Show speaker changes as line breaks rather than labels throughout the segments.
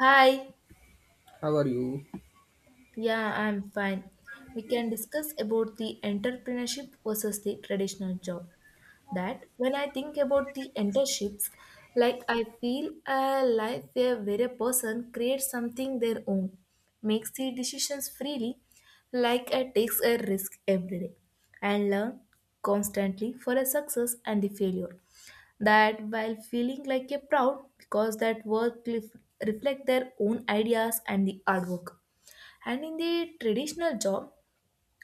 Hi,
How are you?
yeah, I'm fine. We can discuss about the entrepreneurship versus the traditional job that when I think about the internships, like I feel a life where a person creates something their own, makes the decisions freely, like I takes a risk every day, and learn constantly for a success and the failure. That while feeling like a proud because that reflect their own ideas and the artwork. And in the traditional job,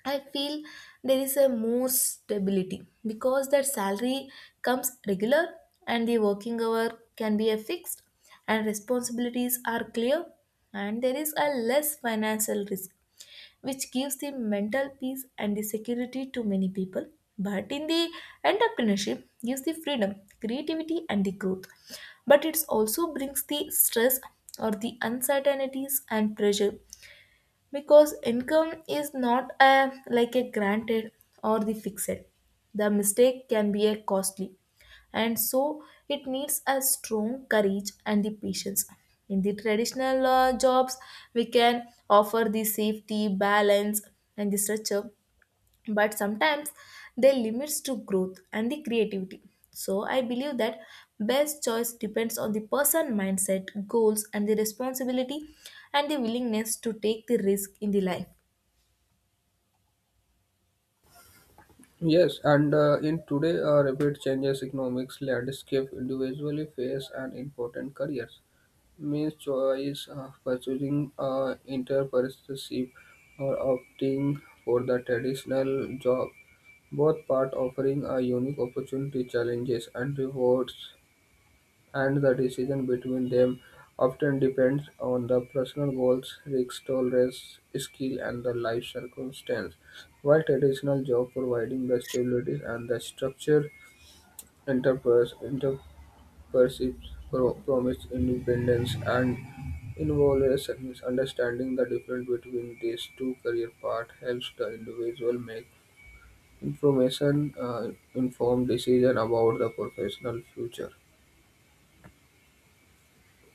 I feel there is a more stability because that salary comes regular and the working hour can be a fixed and responsibilities are clear and there is a less financial risk which gives the mental peace and the security to many people, but in the entrepreneurship gives the freedom, creativity, and the growth, but it also brings the stress or the uncertainties and pressure because income is not a like a granted or the fixed, the mistake can be a costly, and so it needs a strong courage and the patience. In the traditional jobs, we can offer the safety balance and the structure, but sometimes they limits to growth and the creativity. So I believe that best choice depends on the person mindset, goals, and the responsibility and the willingness to take the risk in the life.
Yes, and in today, rapid changes economics landscape individually face an important careers. Means choice pursuing entrepreneurship or opting for the traditional job. Both part offering a unique opportunity, challenges, and rewards and the decision between them often depends on the personal goals, risk tolerance, skill, and the life circumstance. While traditional job providing the stability and the structure, enterprise entrepreneurship promise independence and involves understanding the difference between these two career paths helps the individual make information informed decision about the professional future.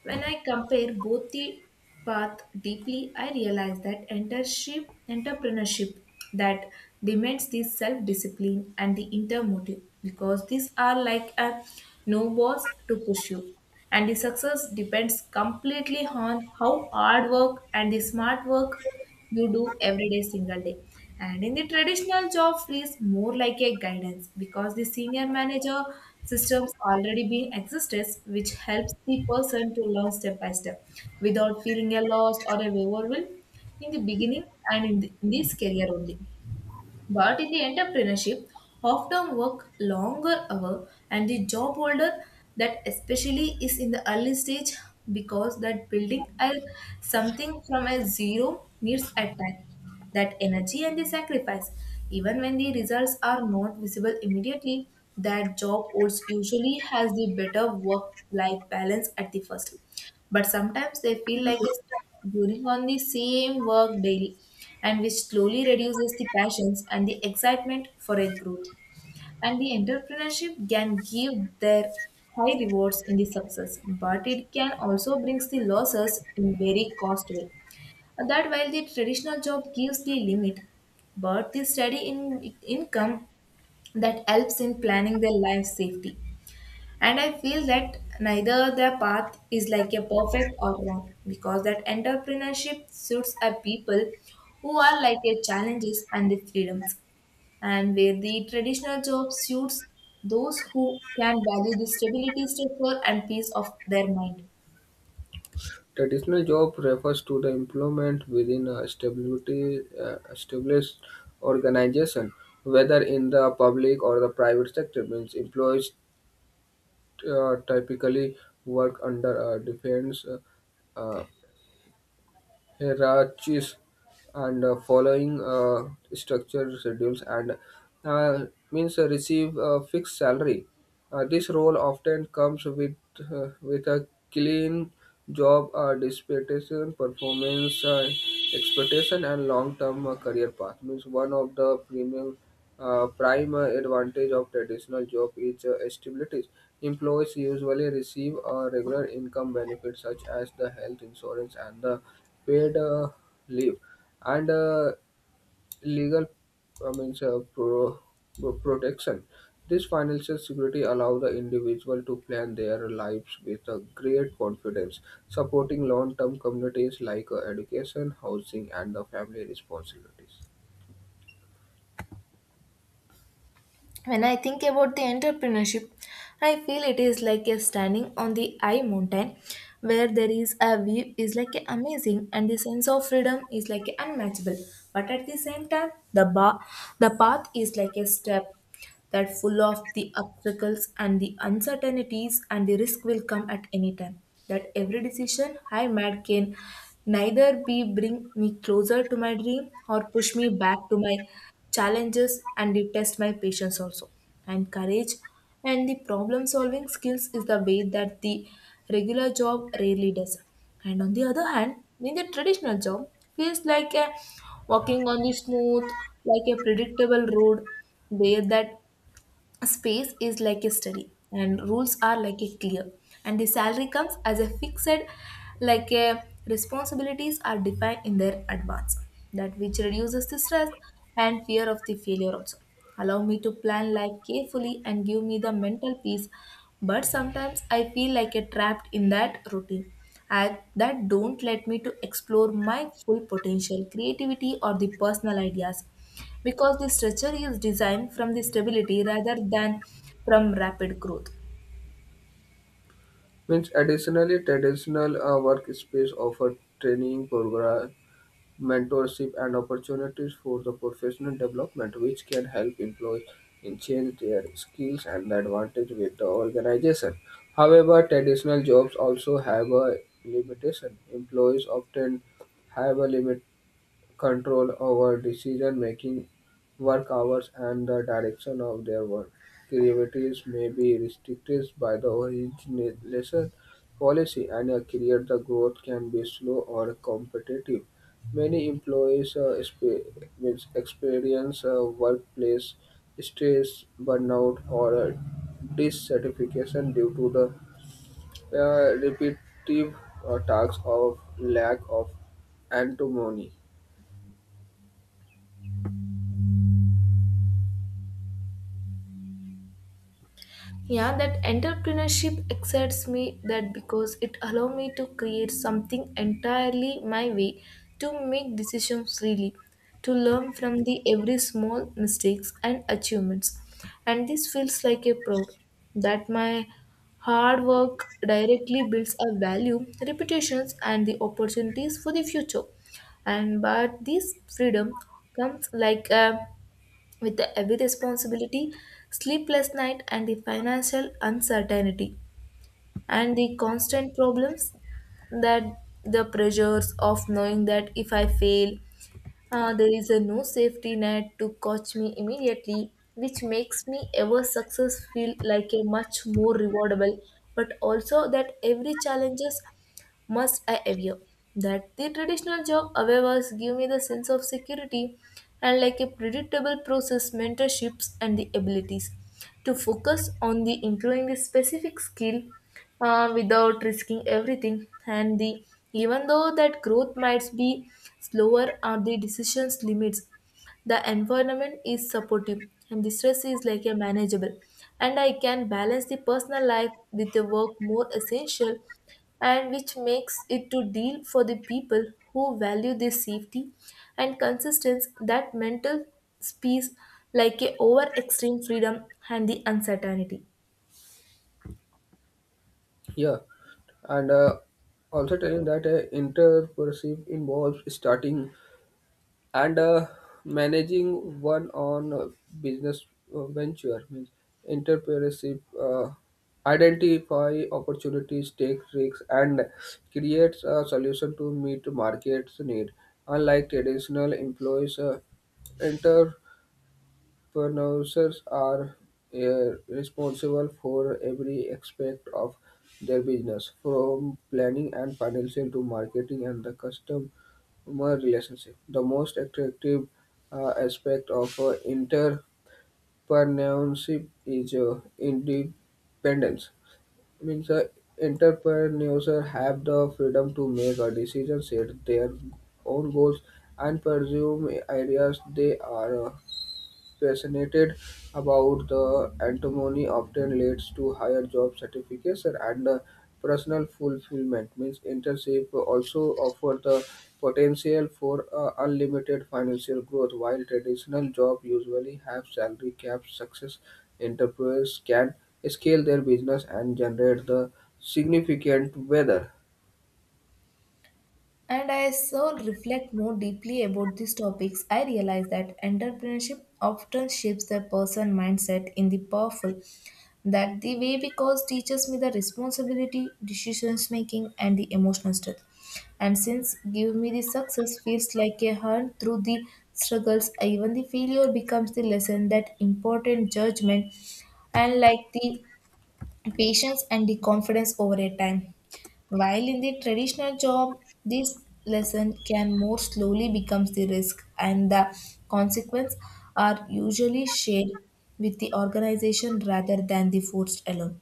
When I compare both the path deeply, I realize that entrepreneurship that demands this self-discipline and the inner motive because these are like a no balls to push you. And the success depends completely on how hard work and the smart work you do every day single day. And in the traditional job feels more like a guidance because the senior manager systems already being exists, which helps the person to learn step by step without feeling a lost or a overwhelmed in the beginning and in this career only. But in the entrepreneurship, often work longer hour and the job holder, that especially is in the early stage, because that building a, something from a zero needs a time, that energy and the sacrifice. Even when the results are not visible immediately, that job holds usually has the better work-life balance at the first. But sometimes they feel like a stuck during on the same work daily, and which slowly reduces the passions and the excitement for a growth. And the entrepreneurship can give their high rewards in the success, but it can also brings the losses in very cost way. And that while the traditional job gives the limit, but the steady in income that helps in planning their life safety. And I feel that neither their path is like a perfect or wrong because that entrepreneurship suits a people who are like their challenges and the freedoms, and where the traditional job suits those who can value the stability, structure, and peace of their mind.
Traditional job refers to the employment within a stability, established organization, whether in the public or the private sector. Means employees typically work under a defense uh, hierarchies and following structured schedules and uh, means receive a fixed salary. This role often comes with a clean job disputation, performance expectation, and long-term career path. Means one of the premium a prime advantage of traditional job is stability. Employees usually receive a regular income benefits such as the health insurance and the paid leave and legal I means, protection. This financial security allows the individual to plan their lives with a great confidence, supporting long-term communities like education, housing, and the family responsibilities.
When I think about the entrepreneurship, I feel it is like a standing on the high mountain where there is a view is like a amazing and the sense of freedom is like a unmatchable. But at the same time, the bar, the path is like a step that full of the obstacles and the uncertainties and the risk will come at any time. That every decision I made can neither be bring me closer to my dream or push me back to my challenges, and it test my patience also and courage and the problem solving skills is the way that the regular job rarely does. And on the other hand, in the traditional job feels like a walking on the smooth like a predictable road where that a space is like a study and rules are like a clear and the salary comes as a fixed, like a responsibilities are defined in their advance, that which reduces the stress and fear of the failure, also allow me to plan life carefully and give me the mental peace. But sometimes I feel like a trapped in that routine, and that don't let me to explore my full potential creativity or the personal ideas because the structure is designed from the stability rather than from rapid growth.
Means additionally, traditional workspaces offer training program, mentorship, and opportunities for the professional development, which can help employees enhance their skills and the advantage with the organization. However, traditional jobs also have a limitation. Employees often have a limit control over decision-making, work hours, and the direction of their work. Creativities may be restricted by the origination policy, and a career the growth can be slow or competitive. Many employees means experience workplace stress, burnout, or dissatisfaction due to the repetitive tasks of lack of antimony.
Yeah, that entrepreneurship excites me that because it allow me to create something entirely my way, to make decisions freely, to learn from the every small mistakes and achievements. And this feels like a proud that my hard work directly builds a value, reputations, and the opportunities for the future. And but this freedom comes like a with the heavy responsibility, sleepless night, and the financial uncertainty, and the constant problems, that the pressures of knowing that if I fail, there is a no safety net to catch me immediately, which makes me ever success feel like a much more rewardable, but also that every challenges must I aver. That the traditional job, however, give me the sense of security and like a predictable process, mentorships, and the abilities to focus on the improving the specific skill without risking everything. And the even though that growth might be slower, are the decisions limits, the environment is supportive and the stress is like a manageable, and I can balance the personal life with the work more essential, and which makes it to deal for the people who value the safety and consistency that mental space like a over extreme freedom and the uncertainty.
Yeah, and also telling that entrepreneurship involves starting and managing one on business venture. Means entrepreneurship identify opportunities, take risks, and creates a solution to meet market's need. Unlike traditional employees, producers are responsible for every aspect of their business, from planning and financing to marketing and the customer relationship. The most attractive aspect of entrepreneurship is independence. Means entrepreneurs have the freedom to make a decision, set their own goals, and pursue ideas they are passionate about the antimony often leads to higher job satisfaction and personal fulfillment. Means internship also offer the potential for unlimited financial growth, while traditional job usually have salary caps. Success entrepreneurs can scale their business and generate the significant weather.
And as I reflect more deeply about these topics, I realize that entrepreneurship often shapes the person mindset in the powerful. That the way cause teaches me the responsibility, decisions making, and the emotional strength. And since give me the success feels like a hunt through the struggles, even the failure becomes the lesson that important judgment and like the patience and the confidence over a time. While in the traditional job, this lesson can more slowly becomes the risk and the consequence are usually shared with the organization rather than the forced alone.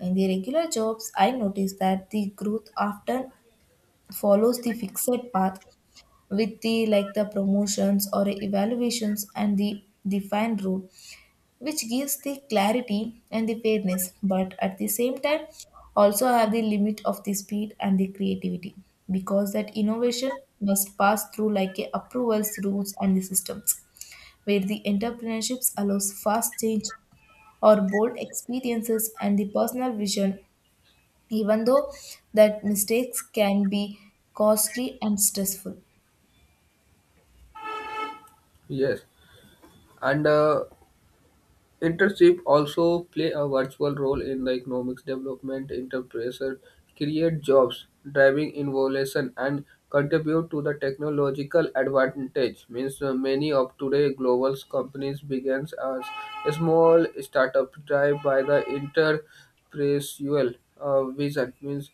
In the regular jobs, I noticed that the growth often follows the fixed path with the like the promotions or evaluations and the defined route, which gives the clarity and the fairness, but at the same time also have the limit of the speed and the creativity because that innovation must pass through like a approvals, rules, and the systems, where the entrepreneurships allows fast change or bold experiences and the personal vision, even though that mistakes can be costly and stressful.
Yes, and internship also play a virtual role in the economics development. Entrepreneurs create jobs, driving innovation, and contribute to the technological advantage. Means many of today global companies begins as a small startup drive by the entrepreneurial vision. Means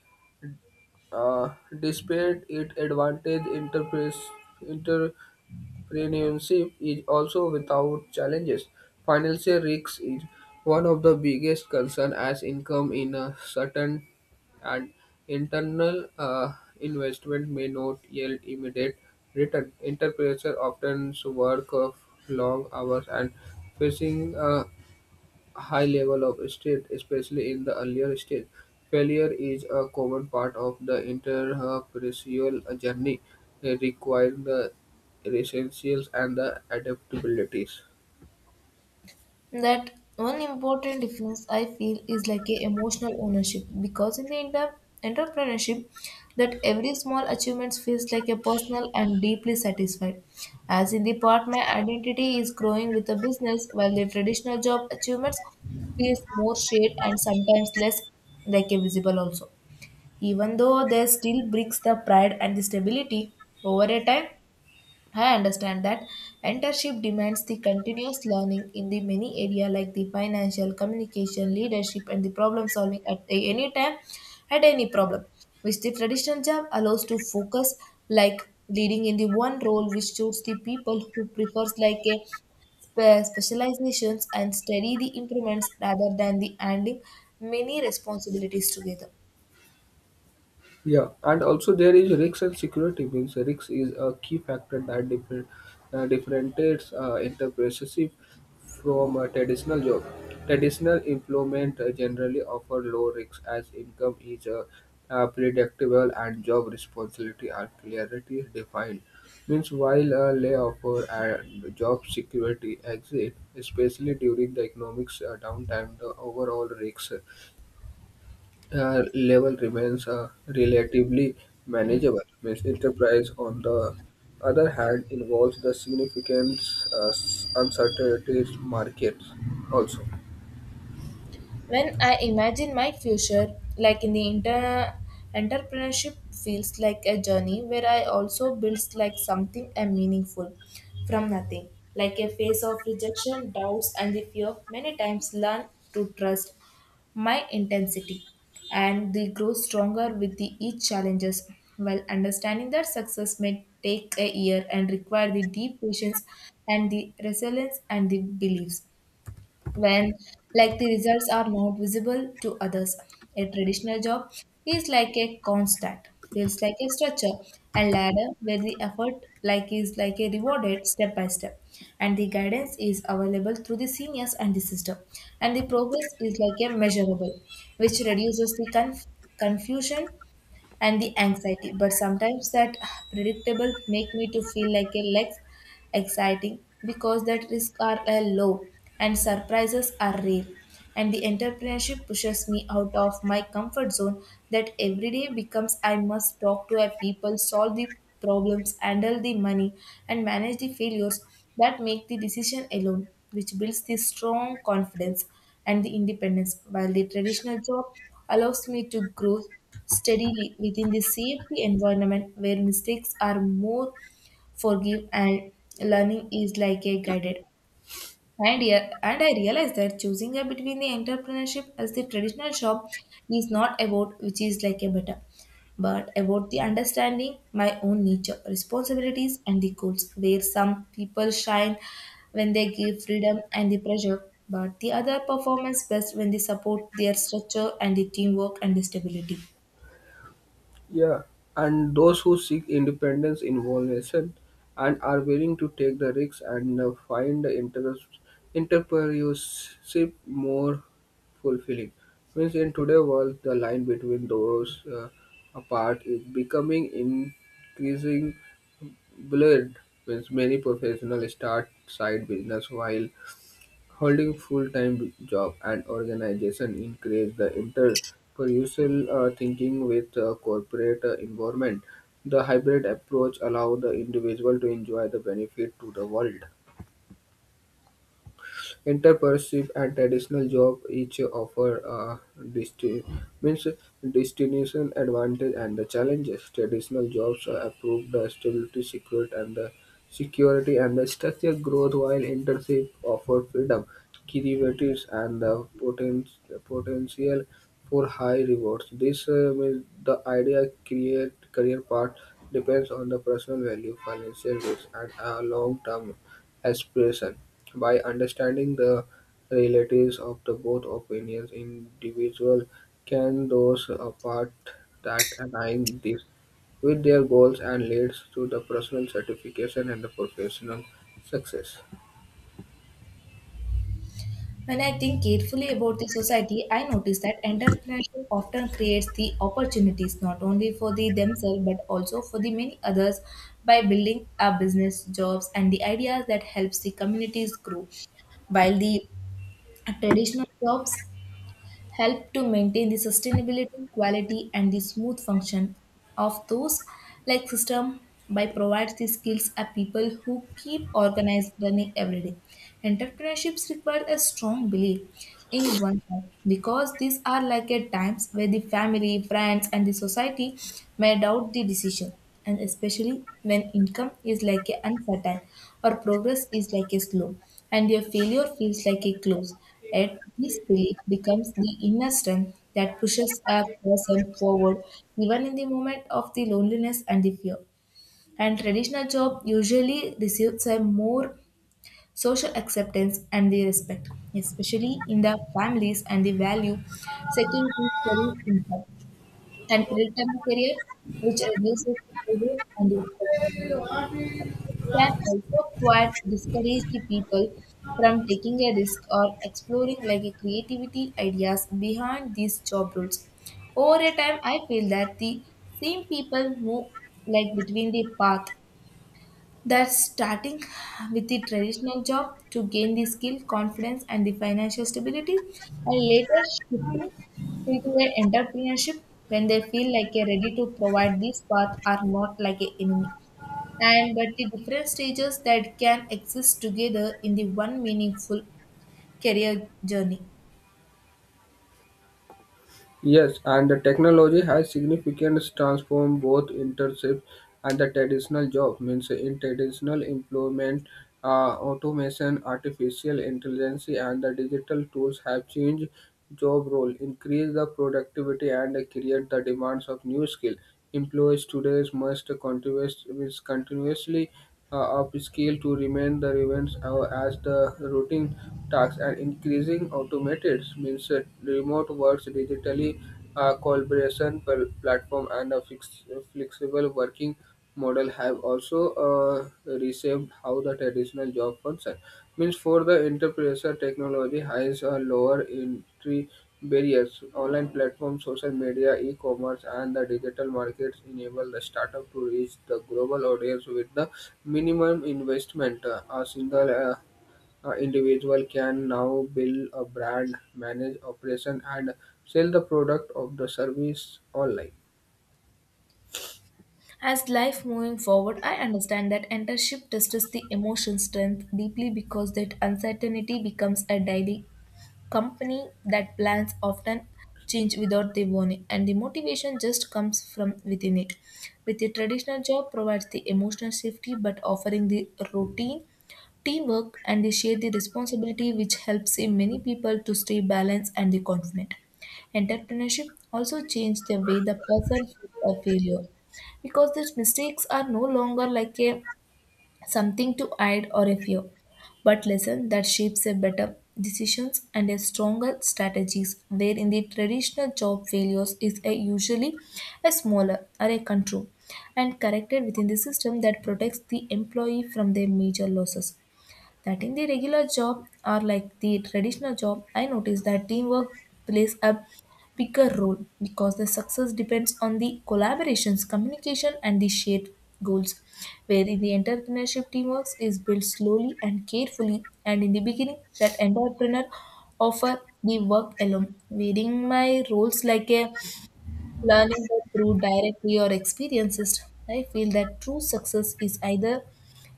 uh, despite its advantage, entrepreneurship is also without challenges. Financial risk is one of the biggest concerns as income in a certain and internal investment may not yield immediate return. Entrepreneurs often work of long hours and facing high level of state, especially in the earlier stage. Failure is a common part of the entrepreneurial journey, requiring the resilience and the adaptabilities.
That one important difference I feel is like a emotional ownership because in the entrepreneurship that every small achievement feels like a personal and deeply satisfied. As in the part my identity is growing with the business, while the traditional job achievements feels more shared and sometimes less like a visible also. Even though they still brings the pride and the stability over a time, I understand that internship demands the continuous learning in the many area like the financial, communication, leadership, and the problem solving any time, at any problem, which the traditional job allows to focus like leading in the one role, which suits the people who prefers like a specializations and study the improvements rather than the handling many responsibilities together.
Yeah, and also there is risk and security means risk is a key factor that differentiates enterprises from a traditional job. Traditional employment generally offer low risks as income is predictable and job responsibility are clearly defined. Means while a layoff or and job security exist, especially during the economics downtime, the overall risks level remains relatively manageable. Means enterprise, on the other hand, involves the significant uh, uncertainties markets also.
When I imagine my future, like in the entrepreneurship feels like a journey where I also builds like something and meaningful from nothing, like a phase of rejection, doubts, and the fear. Many times learn to trust my intensity and they grow stronger with the each challenges, while understanding that success may take a year and require the deep patience and the resilience and the beliefs when like the results are not visible to others. A traditional job is like a constant, feels like a structure and ladder where the effort like is like a rewarded step by step, and the guidance is available through the seniors and the system, and the progress is like a measurable, which reduces the confusion and the anxiety. But sometimes that predictable make me to feel like a less exciting because that risk are low and surprises are rare. And the entrepreneurship pushes me out of my comfort zone, that every day becomes I must talk to a people, solve the problems, handle the money, and manage the failures, that make the decision alone, which builds the strong confidence and the independence, while the traditional job allows me to grow steadily within the CFP environment where mistakes are more forgive and learning is like a guided. And, yeah, and I realized that choosing a between the entrepreneurship as the traditional shop is not about which is like a better, but about the understanding my own nature, responsibilities, and the goals. Where some people shine when they give freedom and the pressure, but the other performance best when they support their structure and the teamwork and the stability.
Yeah, and those who seek independence innovation and are willing to take the risks and find the entrepreneurship more fulfilling. Means in today's world, the line between those apart is becoming increasing blurred. Means many professionals start side business while holding full-time job and organization encourage the entrepreneurial thinking with corporate involvement. The hybrid approach allow the individual to enjoy the benefit to the world. Entrepreneurship and traditional jobs each offer a means distinction advantage and the challenges. Traditional jobs improve the stability, security and the structural growth, while internship offer freedom, creativities, and the potential for high rewards. This means the idea create career path depends on the personal value, financial risk, and a long term aspiration, by understanding the realities of the both opinions individual can those apart that align this with their goals and leads to the personal satisfaction and the professional success.
When I think carefully about the society, I notice that entrepreneurship often creates the opportunities not only for the themselves but also for the many others by building a business, jobs, and the ideas that helps the communities grow. While the traditional jobs help to maintain the sustainability, quality, and the smooth function of those like system by provides the skills of people who keep organized running every day. Entrepreneurships require a strong belief in oneself because these are like at times where the family, friends, and the society may doubt the decision, and especially when income is like a uncertain or progress is like a slow and your failure feels like a close. Yet this belief becomes the inner strength that pushes a person forward even in the moment of the loneliness and the fear. And traditional job usually receives a more social acceptance and the respect, especially in the families and the value security career income and predictable career, which reduces the pressure and the expectation. It can also quite discourage the people from taking a risk or exploring like a creativity ideas behind these job roles. Over a time, I feel that the same people move like between the path that starting with the traditional job to gain the skill, confidence, and the financial stability, and later shifting into the entrepreneurship when they feel like a ready to provide this path are not like a enemy and but the different stages that can exist together in the one meaningful career journey.
Yes, and the technology has significantly transformed both internships and the traditional job. Means in traditional employment, automation, artificial intelligence, and the digital tools have changed job role, increased the productivity, and create the demands of new skill. Employees today must means continuously up scale to remain the events as the routine tasks and increasing automated means that remote works digitally collaboration platform and a flexible working model have also reshaped how the traditional job function means for the enterprise technology has a lower entry barriers: online platforms, social media, e-commerce, and the digital markets enable the startup to reach the global audience with the minimum investment. A single individual can now build a brand, manage operation, and sell the product of the service online.
As life moving forward, I understand that internship tests the emotion strength deeply because that uncertainty becomes a daily company that plans often change without the warning and the motivation just comes from within it. With the traditional job provides the emotional safety but offering the routine teamwork and they share the responsibility which helps in many people to stay balanced and the confident. Entrepreneurship also changed the way the person sees a failure because these mistakes are no longer like a something to hide or a fear but lesson that shapes a better decisions and a stronger strategies, where in the traditional job failures is a usually a smaller or a control and corrected within the system that protects the employee from their major losses. That in the regular job or like the traditional job, I noticed that teamwork plays a bigger role because the success depends on the collaborations, communication, and the shared goals. Where in the entrepreneurship, teamwork is built slowly and carefully, and in the beginning, that entrepreneur offer the work alone, wearing my roles like a learning that through directly or experiences, I feel that true success is either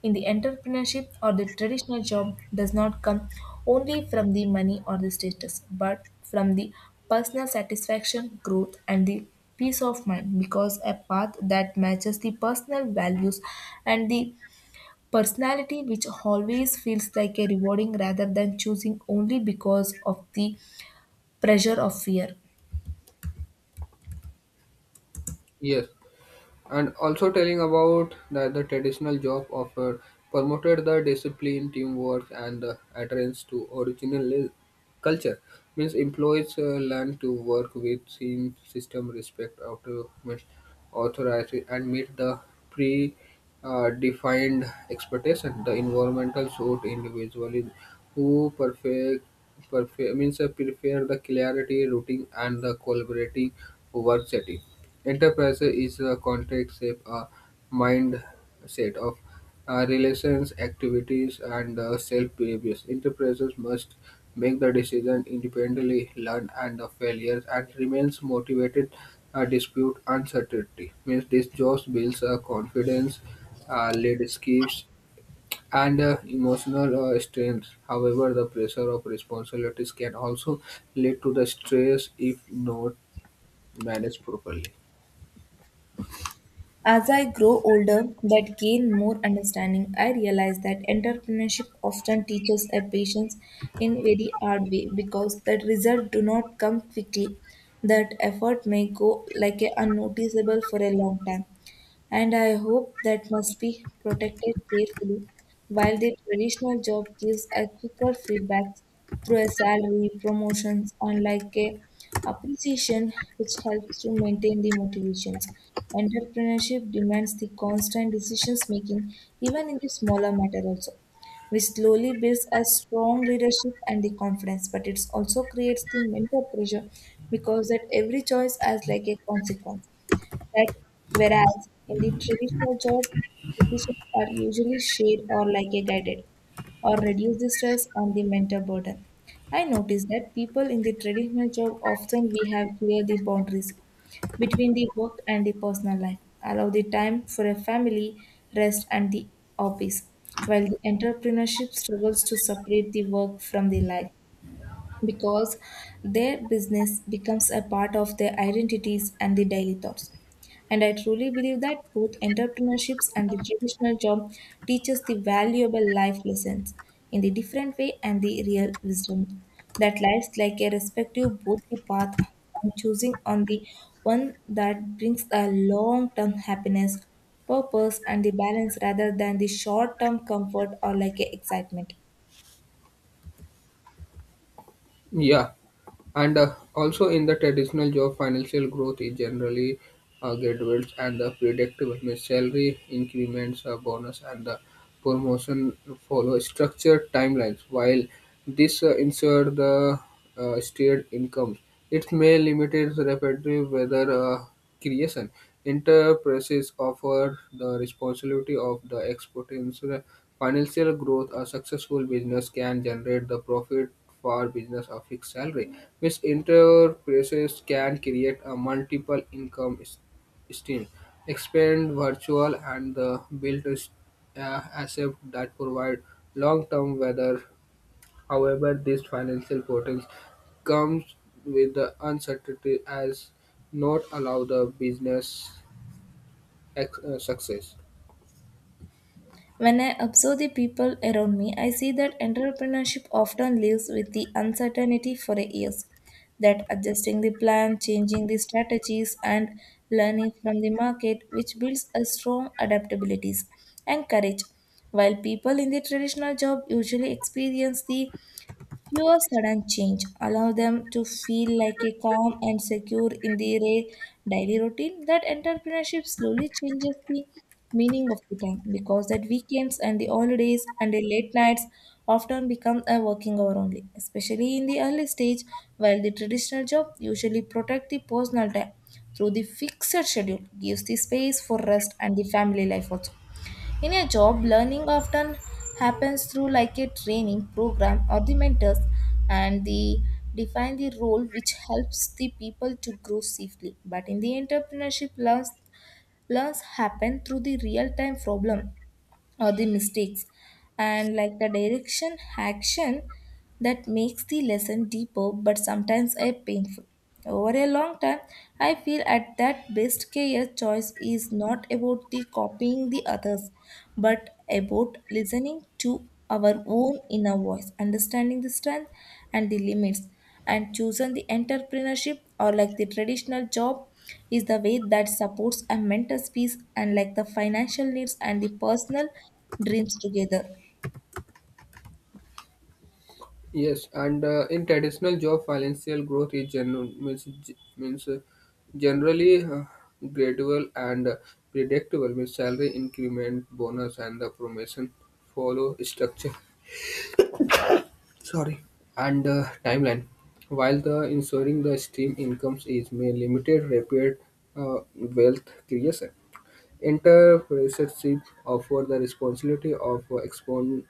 in the entrepreneurship or the traditional job does not come only from the money or the status, but from the personal satisfaction, growth, and the peace of mind because a path that matches the personal values and the personality which always feels like a rewarding rather than choosing only because of the pressure of fear.
Yes, and also telling about that the traditional job offer promoted the discipline teamwork and the adherence to original culture means employees learn to work with team system respect autonomous authority and meet the pre defined expectation the environmental suit individually who perfect means prefer the clarity routing and the collaborating work setting enterprise is a contract shape, a mindset of relations, activities, and self-behaviors. Enterprises must make the decision independently, learn and the failures, and remains motivated, dispute uncertainty. Means this job builds confidence, leaderships, and emotional strength. However, the pressure of responsibilities can also lead to the stress if not managed properly.
As I grow older, that gain more understanding, I realize that entrepreneurship often teaches a patience in very hard way because the results do not come quickly. That effort may go like a unnoticeable for a long time and I hope that must be protected carefully, while the traditional job gives a quicker feedback through a salary, promotions, unlike a appreciation which helps to maintain the motivations. Entrepreneurship demands the constant decisions making, even in the smaller matter also, which slowly builds a strong leadership and the confidence but it also creates the mental pressure because that every choice has like a consequence, that whereas in the traditional job, decisions are usually shared or like a guided or reduce the stress on the mental burden. I noticed that people in the traditional job often we have clear the boundaries between the work and the personal life, allow the time for a family, rest and the office, while the entrepreneurship struggles to separate the work from the life because their business becomes a part of their identities and the daily thoughts. And I truly believe that both entrepreneurships and the traditional job teaches the valuable life lessons in the different way and the real wisdom that lies like a respective both the path and choosing on the one that brings a long-term happiness, purpose and the balance rather than the short-term comfort or like a excitement.
Yeah, and also in the traditional job, financial growth is generally gradual and predictable. Means salary increments, bonus, and the promotion follow structured timelines. While this ensure the steered incomes, it may limit its repetitive whether. Creation. Enterprises offer the responsibility of the exponential financial growth. A successful business can generate the profit for business a fixed salary, which enterprises can create a multiple income stream, expand virtual and the build a asset that provide long-term weather. However, these financial portals comes with the uncertainty as not allow the business success.
When I observe the people around me, I see that entrepreneurship often lives with the uncertainty for years. That adjusting the plan, changing the strategies, and learning from the market, which builds a strong adaptabilities and courage. While people in the traditional job usually experience the fewer sudden change allow them to feel like a calm and secure in their daily routine. That entrepreneurship slowly changes the meaning of the time because that weekends and the holidays and the late nights often become a working hour only, especially in the early stage, while the traditional job usually protect the personal time through the fixed schedule, gives the space for rest and the family life also. In a job, learning often happens through like a training program or the mentors and the define the role which helps the people to grow safely. But in the entrepreneurship learns, learns happen through the real time problem or the mistakes and like the direction action that makes the lesson deeper but sometimes a painful over a long time. I feel at that best care choice is not about the copying the others but about listening to our own inner voice, understanding the strength and the limits, and chosen the entrepreneurship or like the traditional job is the way that supports a mental peace and like the financial needs and the personal dreams together.
Yes, and in traditional job, financial growth is general means means generally gradual and predictable. Means salary increment, bonus, and the promotion follow structure. Sorry, and timeline while the ensuring the stream incomes is may limited rapid uh, wealth creation entrepreneurship offer the responsibility of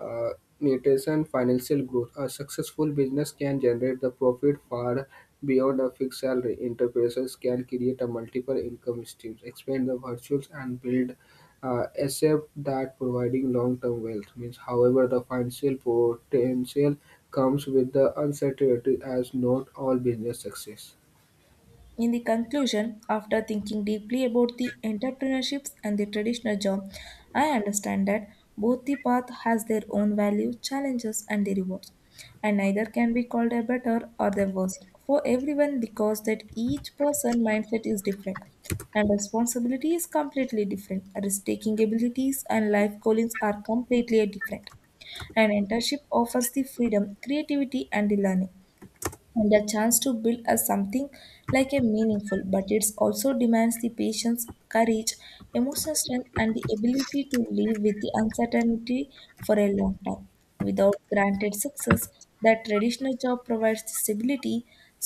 uh, nutrition, financial growth. A successful business can generate the profit far beyond a fixed salary. Enterprises can create a multiple income streams, expand the virtues, and build except that providing long-term wealth means. However, the financial potential comes with the uncertainty as not all business success.
In the conclusion, after thinking deeply about the entrepreneurships and the traditional job, I understand that both the path has their own value, challenges and the rewards, and neither can be called a better or the worst for everyone because that each person mindset is different and responsibility is completely different. Risk-taking abilities and life callings are completely different. An internship offers the freedom, creativity, and the learning, and a chance to build a something like a meaningful, but it also demands the patience, courage, emotional strength and the ability to live with the uncertainty for a long time without granted success. That traditional job provides the stability,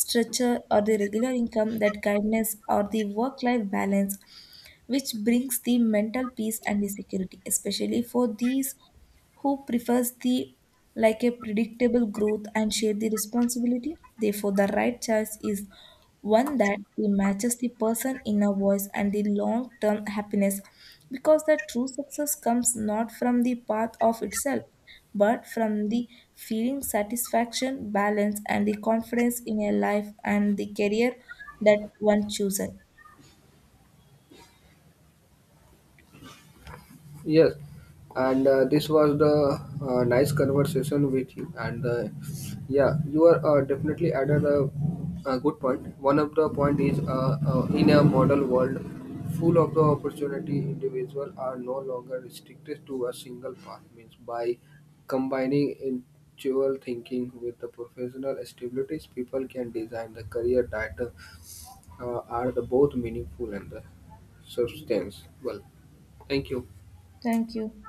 structure or the regular income, that kindness or the work life balance which brings the mental peace and the security, especially for these who prefers the like a predictable growth and share the responsibility. Therefore the right choice is one that matches the person inner voice and the long term happiness because the true success comes not from the path of itself but from the feeling satisfaction, balance and the confidence in a life and the career that one chooses.
Yes, and this was the nice conversation with you. And yeah, you are definitely added a good point. One of the point is in a model world full of the opportunity, individual are no longer restricted to a single path. Means by combining individual thinking with the professional stabilities, people can design the career that are the both meaningful and the substance. Well, thank you.
Thank you.